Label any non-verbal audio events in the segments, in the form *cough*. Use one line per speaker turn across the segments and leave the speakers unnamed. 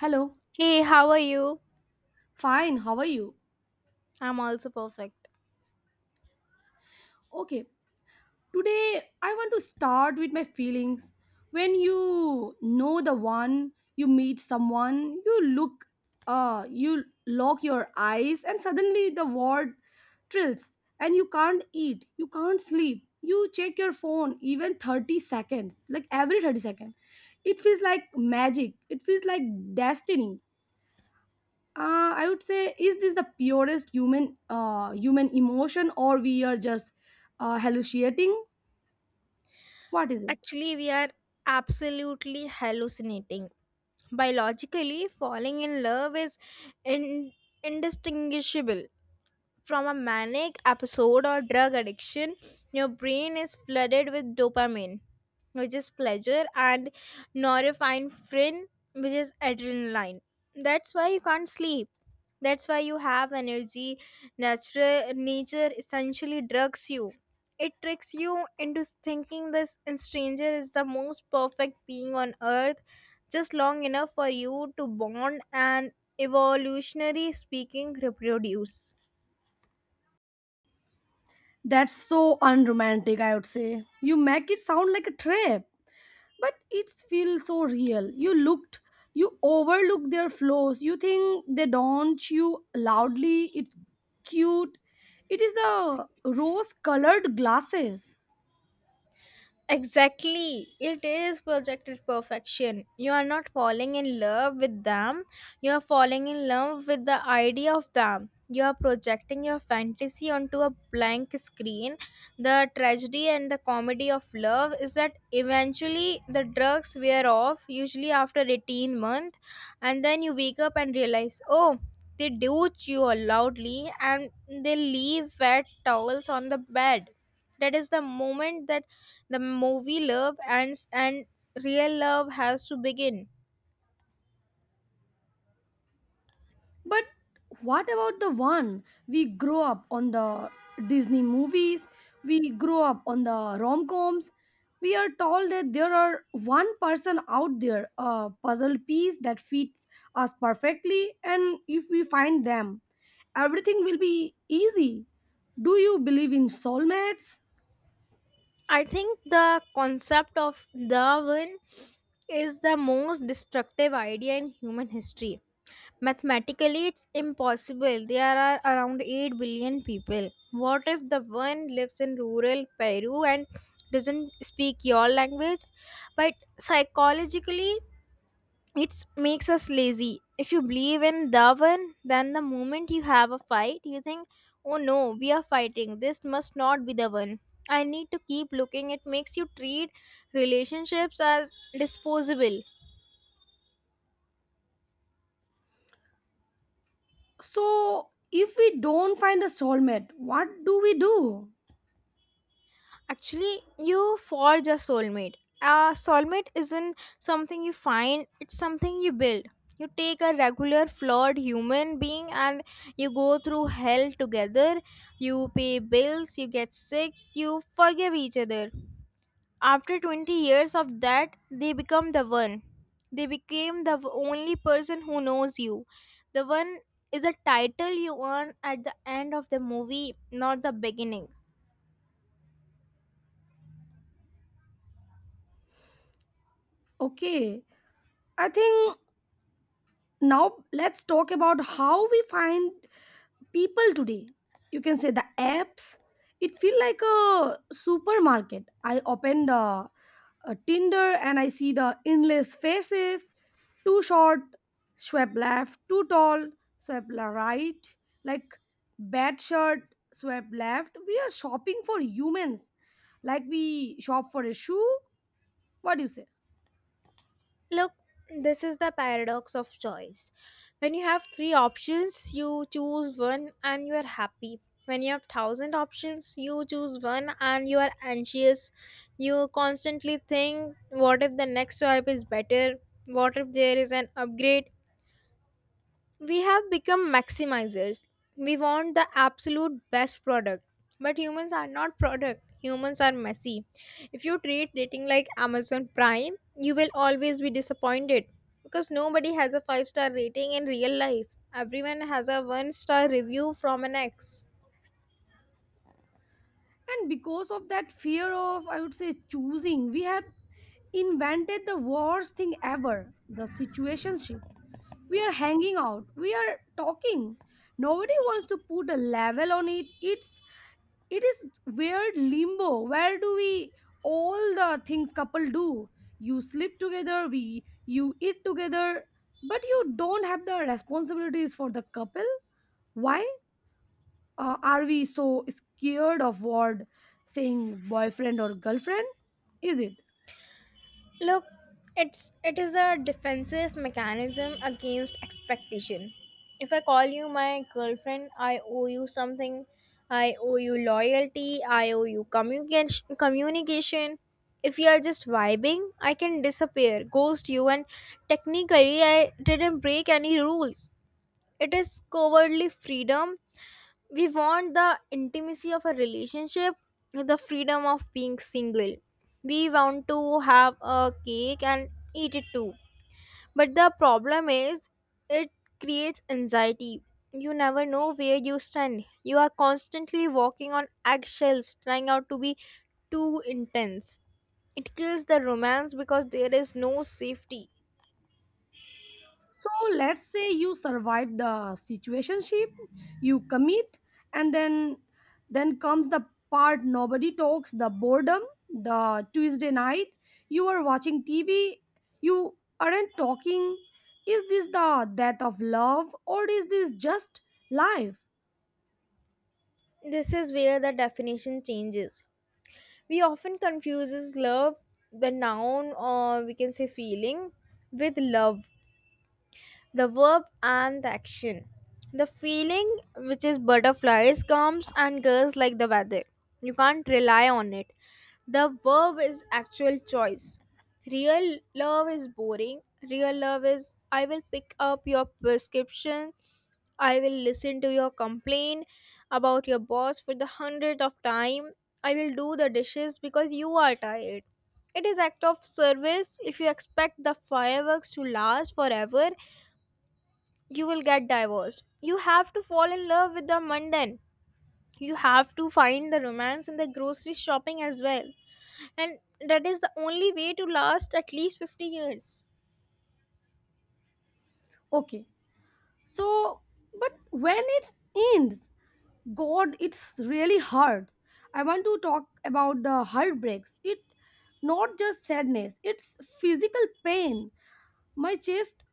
Hello.
Hey, how are you?
Fine. How are you?
I'm also perfect.
Okay. Today I want to start with my feelings. When you know the one, you meet someone, you look you lock your eyes and suddenly the world trills, and you can't eat, you can't sleep. You check your phone even 30 seconds, like every 30 seconds. It feels like magic. It feels like destiny. I would say, is this the purest human human emotion, or we are just hallucinating? What is it?
Actually, we are absolutely hallucinating. Biologically, falling in love is in- indistinguishable from a manic episode or drug addiction. Your brain is flooded with dopamine, which is pleasure, and norepinephrine, which is adrenaline. That's why you can't sleep. That's why you have energy. Natural nature essentially drugs you. It tricks you into thinking this stranger is the most perfect being on earth, just long enough for you to bond and, evolutionary speaking, reproduce.
That's so unromantic. I would say you make it sound like a trip, but it feels so real. You looked, you overlook their flaws. You think they don't you loudly. It's cute. It is the rose-colored glasses.
Exactly. It is projected perfection. You are not falling in love with them. You are falling in love with the idea of them. You are projecting your fantasy onto a blank screen. The tragedy and the comedy of love is that eventually the drugs wear off, usually after 18 months, and then you wake up and realize, oh, they douche you loudly and they leave wet towels on the bed. That is the moment that the movie love and real love has to begin.
But what about the one we grow up on the Disney movies? We grow up on the rom coms. We are told that there are one person out there, a puzzle piece that fits us perfectly, and if we find them, everything will be easy. Do you believe in soulmates?
I think the concept of darwin is the most destructive idea in human history. Mathematically, it's impossible. There are around 8 billion people. What if the one lives in rural peru and doesn't speak your language? But psychologically, it makes us lazy. If you believe in the one, then the moment you have a fight, you think, oh no, we are fighting. This must not be the one. I need to keep looking. It makes you treat relationships as disposable.
So, if we don't find a soulmate, what do we do?
Actually, you forge a soulmate. A soulmate isn't something you find, it's something you build. You take a regular flawed human being and you go through hell together. You pay bills, you get sick, you forgive each other. After 20 years of that, they become the one. They became the only person who knows you. The one is a title you earn at the end of the movie, not the beginning.
Okay, I think now let's talk about how we find people today. You can say the apps. It feel like a supermarket. I open the tinder, and I see the endless faces. Too short, swipe left. Too tall, right. Like bad shirt, swipe left. We are shopping for humans like we shop for a shoe. What do you say?
Look, this is the paradox of choice. When you have three options, you choose one and you are happy. When you have thousand options, you choose one and you are anxious. You constantly think, what if the next swipe is better? What if there is an upgrade? We have become maximizers. We want the absolute best product. But humans are not product. Humans are messy. If you treat dating like Amazon Prime, you will always be disappointed because nobody has a 5-star rating in real life. Everyone has a 1 star review from an ex.
And because of that fear of, I would say, choosing, we have invented the worst thing ever, the situationship. We are hanging out, we are talking. Nobody wants to put a level on it. It is weird limbo. Where do we all the things couple do? You sleep together, we you eat together, but you don't have the responsibilities for the couple. Why are we so scared of what saying boyfriend or girlfriend? Is it?
Look, it is a defensive mechanism against expectation. If I call you my girlfriend, I owe you something. I owe you loyalty. I owe you communication. Communication. If you are just vibing, I can disappear, ghost you, and technically I didn't break any rules. It is cowardly freedom. We want the intimacy of a relationship, the freedom of being single. We want to have a cake and eat it too. But the problem is, it creates anxiety. You never know where you stand. You are constantly walking on eggshells, trying out to be too intense. It kills the romance because there is no safety.
So let's say you survive the situationship, you commit, and then comes the part nobody talks, the boredom, the Tuesday night, you are watching TV, you aren't talking. Is this the death of love, or is this just life?
This is where the definition changes. We often confuses love, the noun, or we can say feeling, with love, the verb and the action. The feeling, which is butterflies, comes and goes like the weather. You can't rely on it. The verb is actual choice. Real love is boring. Real love is I will pick up your prescription. I will listen to your complaint about your boss for the 100th of time. I will do the dishes because you are tired. It is act of service. If you expect the fireworks to last forever, you will get divorced. You have to fall in love with the mundane. You have to find the romance in the grocery shopping as well. And that is the only way to last at least 50 years.
Okay. So but when it ends, God, it's really hurts. I want to talk about the heartbreaks. It not just sadness, it's physical pain. My chest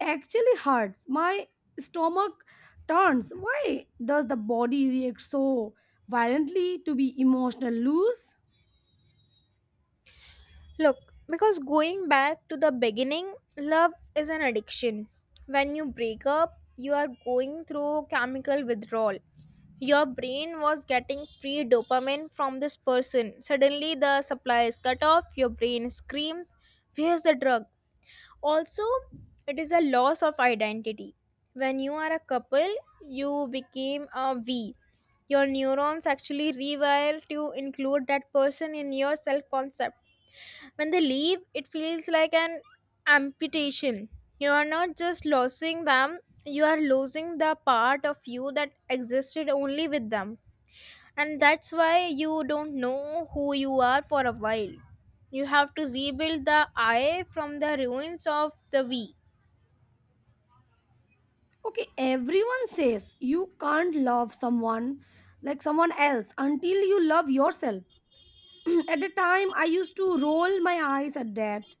actually hurts. My stomach turns. Why does the body react so violently to be emotional loose?
Look, because going back to the beginning, love is an addiction. When you break up, you are going through chemical withdrawal. Your brain was getting free dopamine from this person. Suddenly, the supply is cut off. Your brain screams, where's the drug? Also, it is a loss of identity. When you are a couple, you became a we. Your neurons actually rewire to include that person in your self concept. When they leave, it feels like an amputation. You are not just losing them, you are losing the part of you that existed only with them. And that's why you don't know who you are for a while. You have to rebuild the I from the ruins of the we.
Okay, everyone says you can't love someone like someone else until you love yourself. *clears throat* At the time, I used to roll my eyes at that.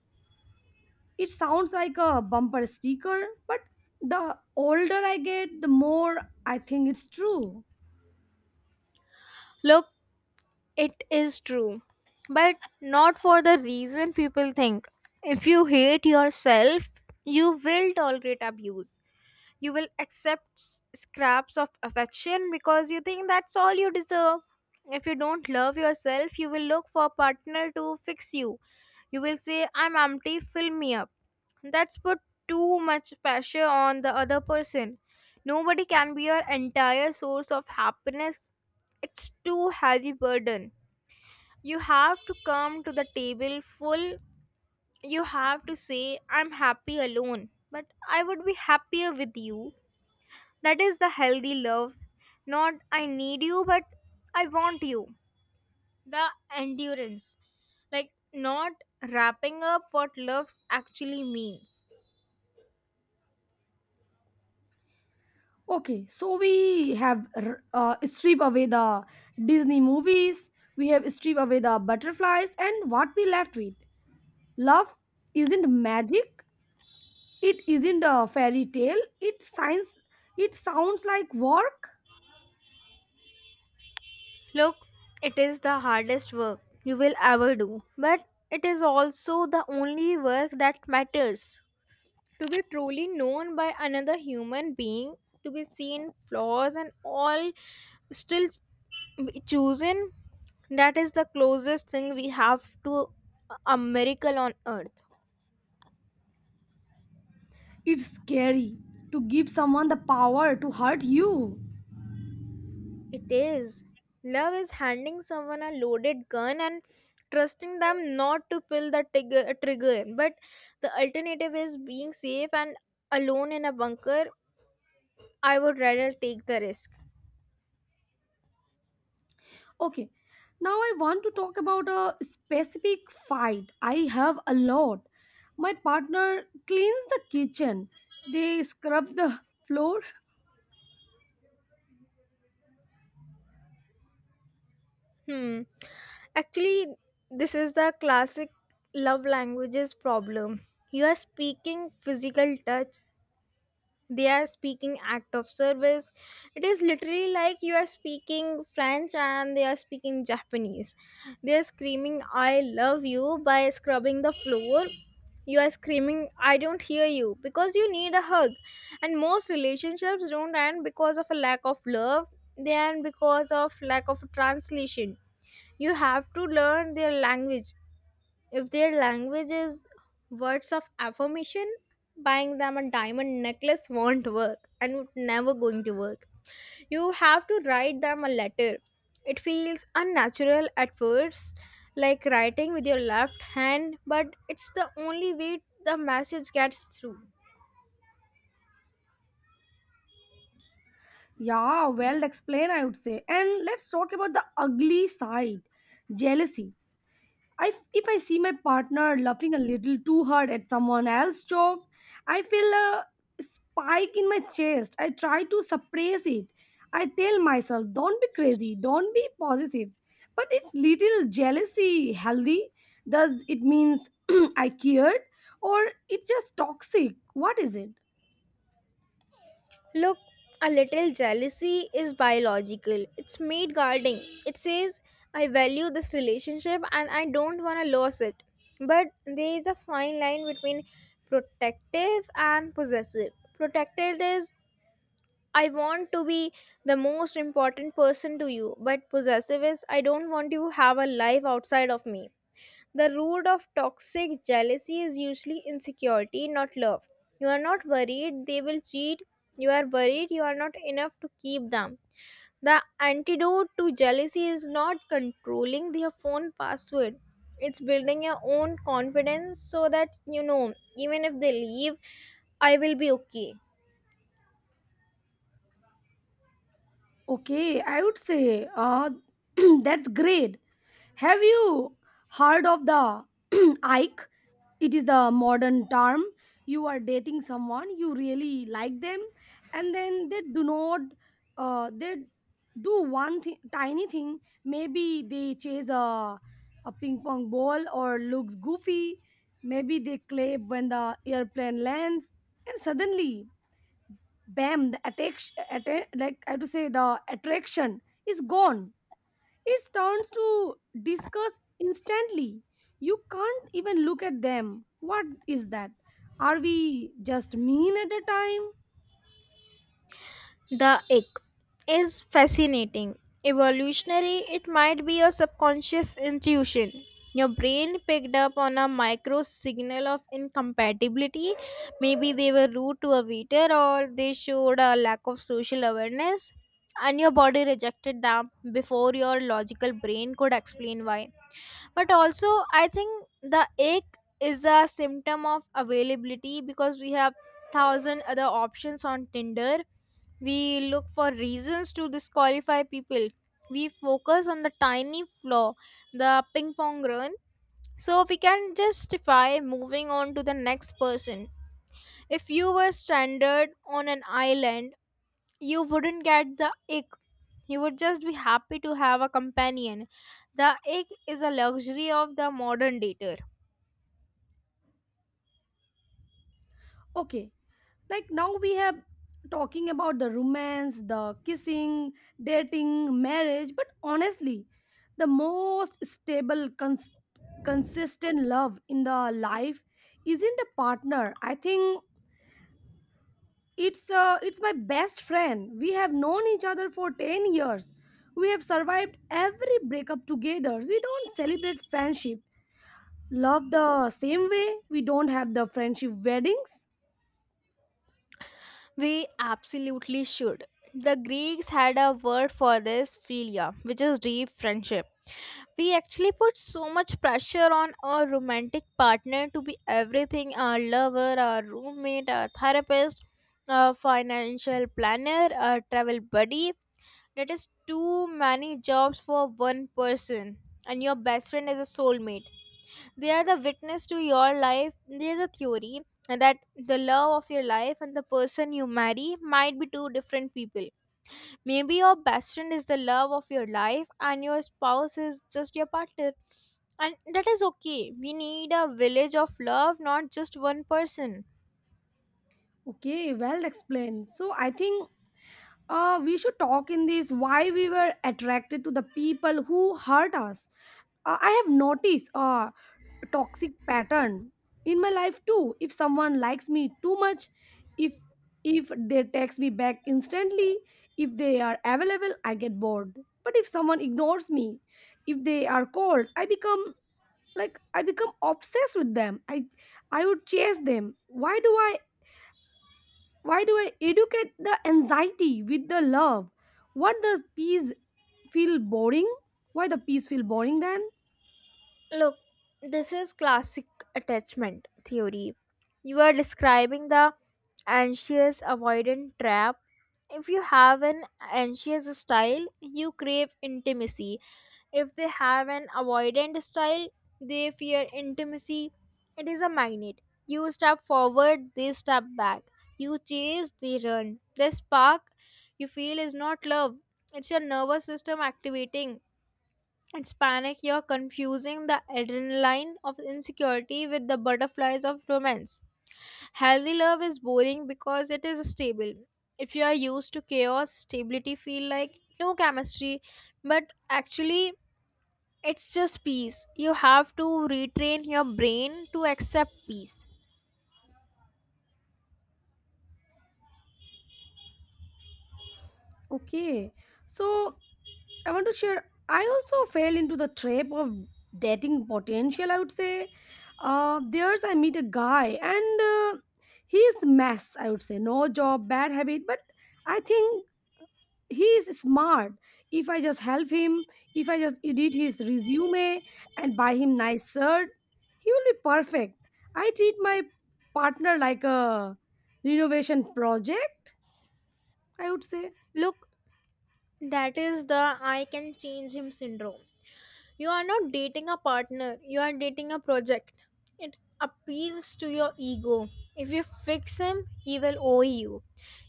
It sounds like a bumper sticker, but the older I get, the more I think it's true.
Look, it is true, but not for the reason people think. If you hate yourself, you will tolerate abuse. You will accept scraps of affection because you think that's all you deserve. If you don't love yourself, you will look for a partner to fix you. You will say, I'm empty, fill me up. That's put too much pressure on the other person. Nobody can be your entire source of happiness. It's too heavy burden. You have to come to the table full. You have to say, I'm happy alone, but I would be happier with you. That is the healthy love. Not I need you, but I want you. The endurance. Like not wrapping up what love actually means.
Okay, so we have stripped away the Disney movies, we have stripped away the butterflies, and what we left with. Love isn't magic, it isn't a fairy tale, it science, it sounds like work.
Look, it is the hardest work you will ever do, but it is also the only work that matters. To be truly known by another human being, to be seen flaws and all, still chosen, that is the closest thing we have to a miracle on earth.
It's scary to give someone the power to hurt you.
It is. Love is handing someone a loaded gun and trusting them not to pull the tigger, trigger. But the alternative is being safe and alone in a bunker. I would rather take the risk.
Okay, now I want to talk about a specific fight. I have a lot. My partner cleans the kitchen, they scrub the floor.
Hmm. Actually, this is the classic love languages problem. You are speaking physical touch, they are speaking act of service. It is literally like you are speaking french and they are speaking japanese. They are screaming I love you by scrubbing the floor. You are screaming I don't hear you because you need a hug. And most relationships don't end because of a lack of love, they end because of lack of translation. You have to learn their language. If their language is words of affirmation, buying them a diamond necklace won't work and would never going to work. You have to write them a letter. It feels unnatural at first, like writing with your left hand, but it's the only way the message gets through.
Yeah, well explained, I would say. And let's talk about the ugly side, jealousy. If I see my partner laughing a little too hard at someone else's joke, I feel a spike in my chest. I try to suppress it. I tell myself, don't be crazy, don't be possessive. But it's little jealousy healthy. Does it means *clears throat* I cared? Or it's just toxic? What is it?
Look, a little jealousy is biological. It's mate guarding. It says, I value this relationship and I don't want to lose it. But there is a fine line between protective and possessive. Protective is, I want to be the most important person to you. But possessive is, I don't want you to have a life outside of me. The root of toxic jealousy is usually insecurity, not love. You are not worried they will cheat. You are worried you are not enough to keep them. The antidote to jealousy is not controlling their phone password. It's building your own confidence so that you know, even if they leave, I will be okay.
Okay, I would say *clears throat* that's great. Have you heard of the *clears throat* Ike? It is the modern term. You are dating someone, you really like them, and then they do not, they do one tiny thing. Maybe they chase a ping pong ball or looks goofy, maybe they clap when the airplane lands, and suddenly, bam, like I have to say the attraction is gone. It turns to discuss instantly. You can't even look at them. What is that? Are we just mean at a time?
The egg is fascinating. Evolutionary, it might be a subconscious intuition. Your brain picked up on a micro signal of incompatibility. Maybe they were rude to a waiter or they showed a lack of social awareness, and your body rejected them before your logical brain could explain why. But also, I think the ache is a symptom of availability. Because we have thousand other options on Tinder, we look for reasons to disqualify people. We focus on the tiny flaw, the ping pong run, so we can justify moving on to the next person. If you were stranded on an island, you wouldn't get the ick. You would just be happy to have a companion. The ick is a luxury of the modern dater.
Okay, like now we have talking about the romance, the kissing, dating, marriage, but honestly, the most stable, consistent love in the life isn't a partner. I think it's it's my best friend. We have known each other for 10 years. We have survived every breakup together. We don't celebrate friendship. Love the same way. We don't have the friendship weddings.
We absolutely should. The Greeks had a word for this, philia, which is deep friendship. We actually put so much pressure on our romantic partner to be everything, our lover, our roommate, our therapist, our financial planner, our travel buddy. That is too many jobs for one person. And your best friend is a soulmate. They are the witness to your life. There's a theory that the love of your life and the person you marry might be two different people. Maybe your best friend is the love of your life and your spouse is just your partner. And that is okay. We need a village of love, not just one person.
Okay, well explained. So I think we should talk in this why we were attracted to the people who hurt us. I have noticed toxic pattern in my life too. If someone likes me too much, if if they text me back instantly, if they are available, I get bored. But if someone ignores me, if they are cold, I become like I become obsessed with them. I would chase them. Why do I educate the anxiety with the love? What does peace feel boring? Why the peace feel boring then?
Look, this is classic attachment theory. You are describing the anxious avoidant trap. If you have an anxious style, you crave intimacy. If they have an avoidant style, they fear intimacy. It is a magnet. You step forward, they step back. You chase, they run. The spark you feel is not love, it's your nervous system activating. It's panic. You're confusing the adrenaline of insecurity with the butterflies of romance. Healthy love is boring because it is stable. If you are used to chaos, stability feel like no chemistry, but actually it's just peace. You have to retrain your brain to accept peace.
Okay, so I want to share. I also fell into the trap of dating potential. I would say, there's I meet a guy, and he's mess. I would say no job, bad habit, but I think he is smart. If I just help him, if I just edit his resume and buy him nice shirt, he will be perfect. I treat my partner like a renovation project. I would say.
Look, that is the I can change him syndrome. You are not dating a partner, you are dating a project. It appeals to your ego. If you fix him, he will owe you.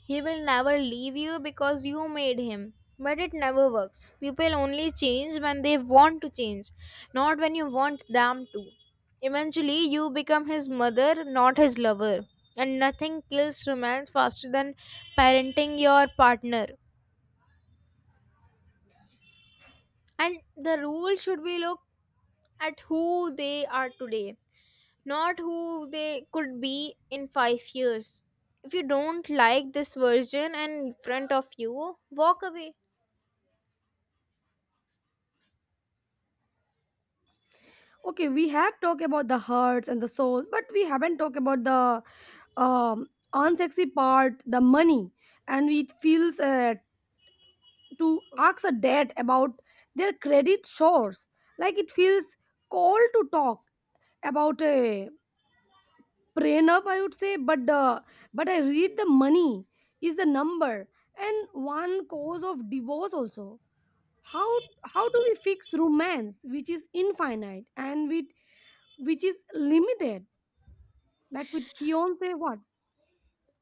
He will never leave you because you made him. But it never works. People only change when they want to change, not when you want them to. Eventually, you become his mother, not his lover. And nothing kills romance faster than parenting your partner. And the rule should be: look at who they are today, not who they could be in 5 years. If you don't like this version in front of you, walk away.
Okay, we have talked about the hurts and the souls, but we haven't talked about the um, unsexy part, the money, and it feels to ask a dad about their credit shores. Like it feels cold to talk about a prenup, I would say, but the but I read the money is the number and one cause of divorce also. How how do we fix romance, which is infinite, and with which is limited? Like with fiance what.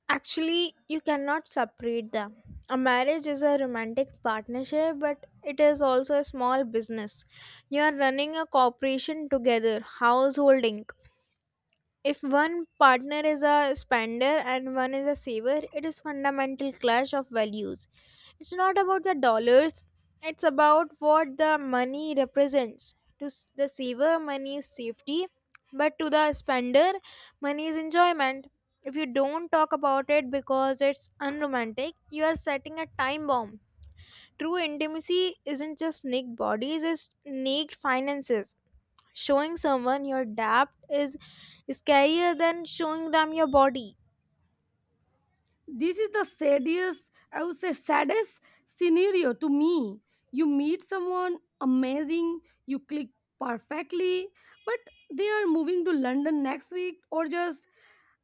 Actually, you cannot separate them. A marriage is a romantic partnership, but it is also a small business. You are running a corporation together, householding. If one partner is a spender and one is a saver, it is fundamental clash of values. It's not about the dollars, it's about what the money represents. To the saver, money is safety, but to the spender, money is enjoyment. If you don't talk about it because it's unromantic, you are setting a time bomb. True intimacy isn't just naked bodies, it's naked finances. Showing someone your depth is scarier than showing them your body.
This is the saddest, I would say, saddest scenario to me. You meet someone amazing, you click perfectly, but they are moving to london next week, or just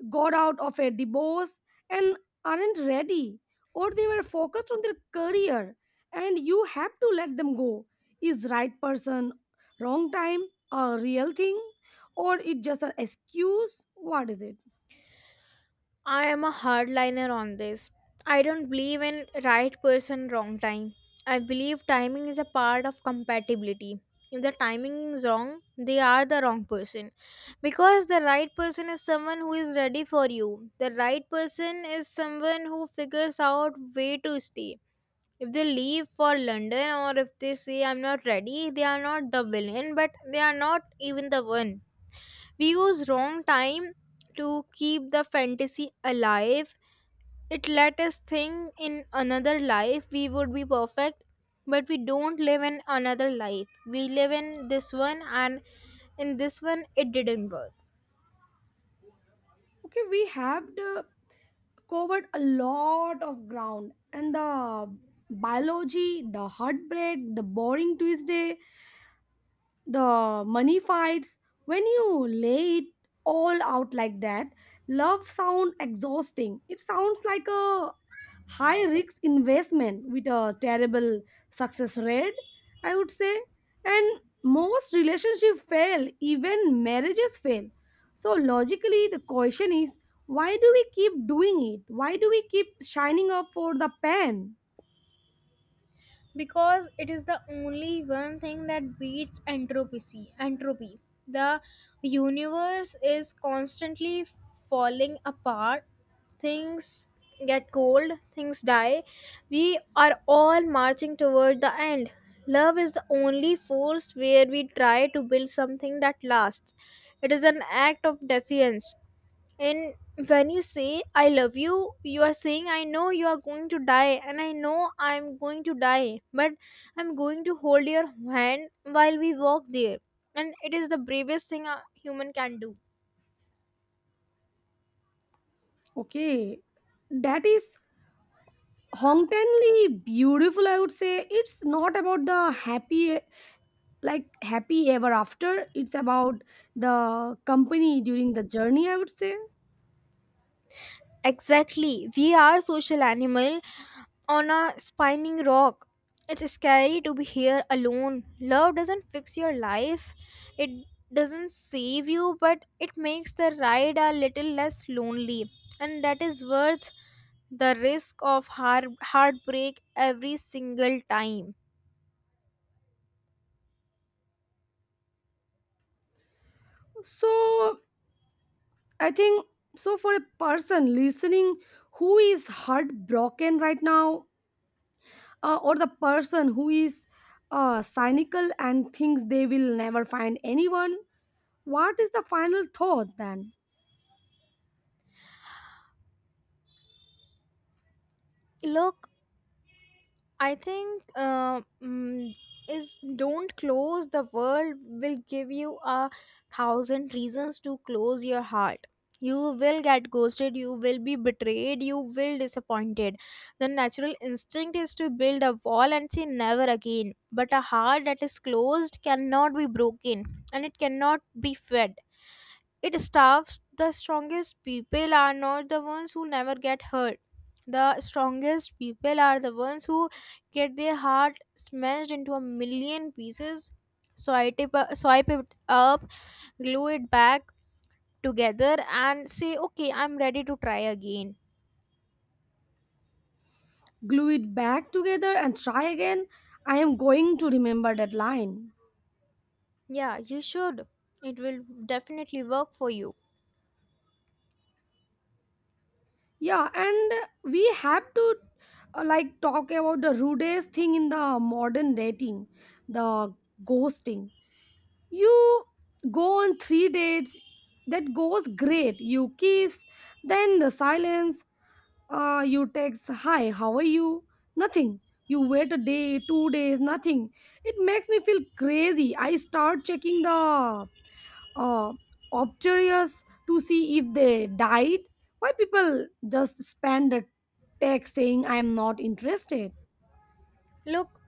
got out of a divorce and aren't ready, or they were focused on their career and you have to let them go. Is right person wrong time a real thing, or it just an excuse? What is it?
I am a hardliner on this. I don't believe in right person, wrong time. I believe timing is a part of compatibility. If the timing is wrong, they are the wrong person. Because the right person is someone who is ready for you. The right person is someone who figures out way to stay. If they leave for London, or if they say I'm not ready, they are not the villain, but they are not even the one. We use wrong time to keep the fantasy alive. It let us think in another life we would be perfect, but we don't live in another life, we live in this one, and in this one it didn't work.
Okay, we have uh, covered a lot of ground, and the biology, the heartbreak, the boring tuesday, the money fights. When you lay it all out like that, love sound exhausting. It sounds like a high risk investment with a terrible success rate, I would say, and most relationships fail, even marriages fail. So logically the question is, why do we keep doing it? Why do we keep shining up for the pen?
Because it is the only one thing that beats entropy. Entropy, the universe is constantly falling apart. Things get cold, things die. We are all marching toward the end. Love is the only force where we try to build something that lasts. It is an act of defiance. And when you say I love you, you are saying I know you are going to die and I know I'm going to die, but I'm going to hold your hand while we walk there. And it is the bravest thing a human can do.
Okay, that is Hongtanly beautiful, I would say. It's not about the happy, like happy ever after. It's about the company during the journey, I would say.
Exactly. We are social animal on a spinning rock. It's scary to be here alone. Love doesn't fix your life. It doesn't save you, but it makes the ride a little less lonely. And that is worth the risk of heartbreak every single time.
So I think so for a person listening who is heartbroken right now, or the person who is cynical and thinks they will never find anyone, what is the final thought then?
Look, I think is don't close. The world will give you a thousand reasons to close your heart. You will get ghosted, you will be betrayed, you will disappointed. The natural instinct is to build a wall and say never again. But a heart that is closed cannot be broken and it cannot be fed, it starves. The strongest people are not the ones who never get hurt. The strongest people are the ones who get their heart smashed into a million pieces, swipe it up, glue it back together, and say, "Okay, I'm ready to try again."
Glue it back together and try again. I am going to remember that line.
Yeah, you should. It will definitely work for you.
Yeah, and we have to like talk about the rudest thing in the modern dating, the ghosting. You go on three dates, that goes great. You kiss, then the silence. You text, "Hi, how are you?" Nothing. You wait a day, 2 days, nothing. It makes me feel crazy. I start checking the uh, obturious to see if they died. Why people just spend a text saying I'm not interested?
Look,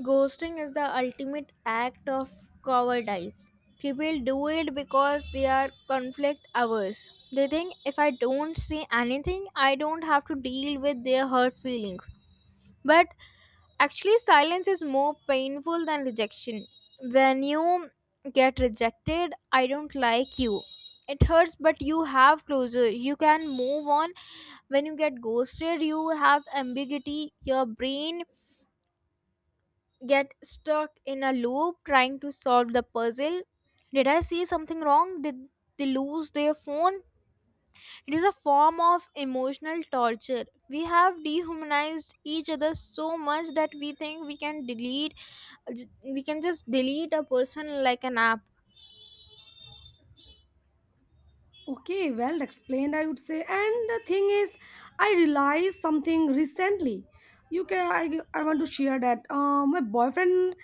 ghosting is the ultimate act of cowardice. People do it because they are conflict averse. They think if I don't say anything, I don't have to deal with their hurt feelings. But actually, silence is more painful than rejection. When you get rejected, I don't like you. It hurts, but you have closure. You can move on. When you get ghosted, you have ambiguity. Your brain get stuck in a loop trying to solve the puzzle. Did I see something wrong? Did they lose their phone? It is a form of emotional torture. We have dehumanized each other so much that we think we can delete, we can just delete a person like an app.
Okay, well explained, I would say. And the thing is, I realized something recently. You can I want to share that my boyfriend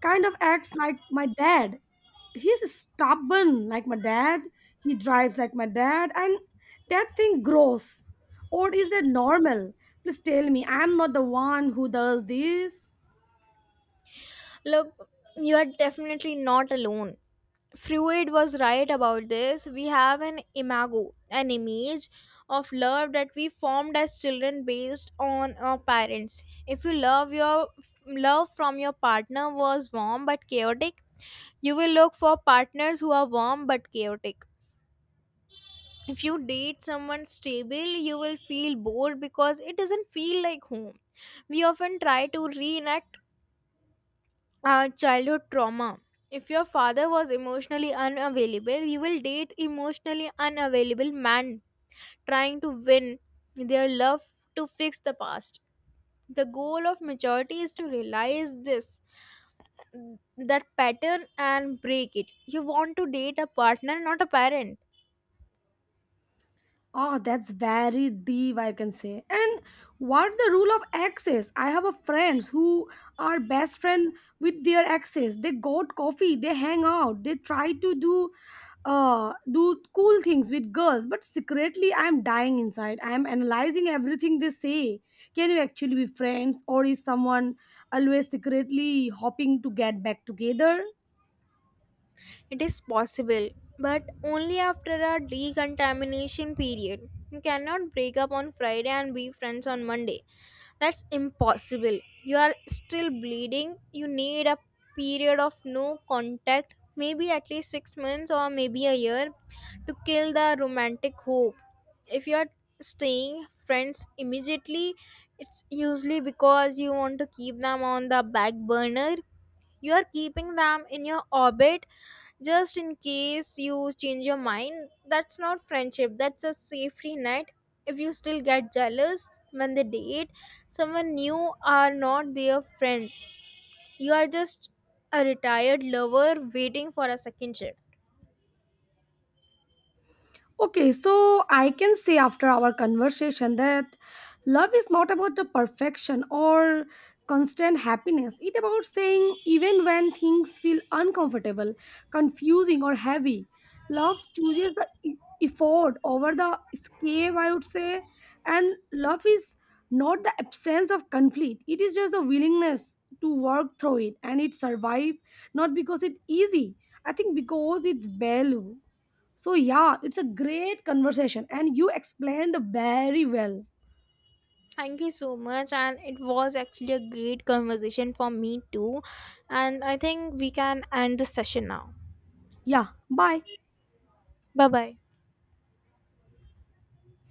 kind of acts like my dad. He's stubborn like my dad, he drives like my dad, and that thing grows, or is that normal? Please tell me I'm not the one who does this.
Look, you are definitely not alone. Freud was right about this. We have an imago, an image of love that we formed as children based on our parents. If you love from your partner was warm but chaotic, you will look for partners who are warm but chaotic. If you date someone stable, you will feel bored because it doesn't feel like home. We often try to reenact childhood trauma. If your father was emotionally unavailable, you will date emotionally unavailable man trying to win their love to fix the past. The goal of maturity is to realize this, that pattern, and break it. You want to date a partner, not a parent.
Oh, that's very deep, I can say. And what the rule of exes? I have a friends who are best friend with their exes. They go to coffee, they hang out, they try to do do cool things with girls, but secretly I'm dying inside. I'm analyzing everything they say. Can you actually be friends, or is someone always secretly hoping to get back together?
It is possible, but only after a decontamination period. You cannot break up on Friday and be friends on Monday. That's impossible. You are still bleeding. You need a period of no contact, maybe at least 6 months or maybe a year, to kill the romantic hope. If you are staying friends immediately, it's usually because you want to keep them on the back burner. You are keeping them in your orbit just in case you change your mind. That's not friendship, that's a safety net. If you still get jealous when they date someone new, are not their friend, you are just a retired lover waiting for a second shift.
Okay, so I can say after our conversation that love is not about the perfection or constant happiness. It's about saying even when things feel uncomfortable, confusing, or heavy, love chooses the effort over the escape, I would say. And love is not the absence of conflict, it is just the willingness to work through it and it survive not because it's easy, I think because it's value. So yeah, it's a great conversation and you explained very well.
Thank you so much, and it was actually a great conversation for me too. And I think we can end the session now.
Yeah, bye.
Bye bye.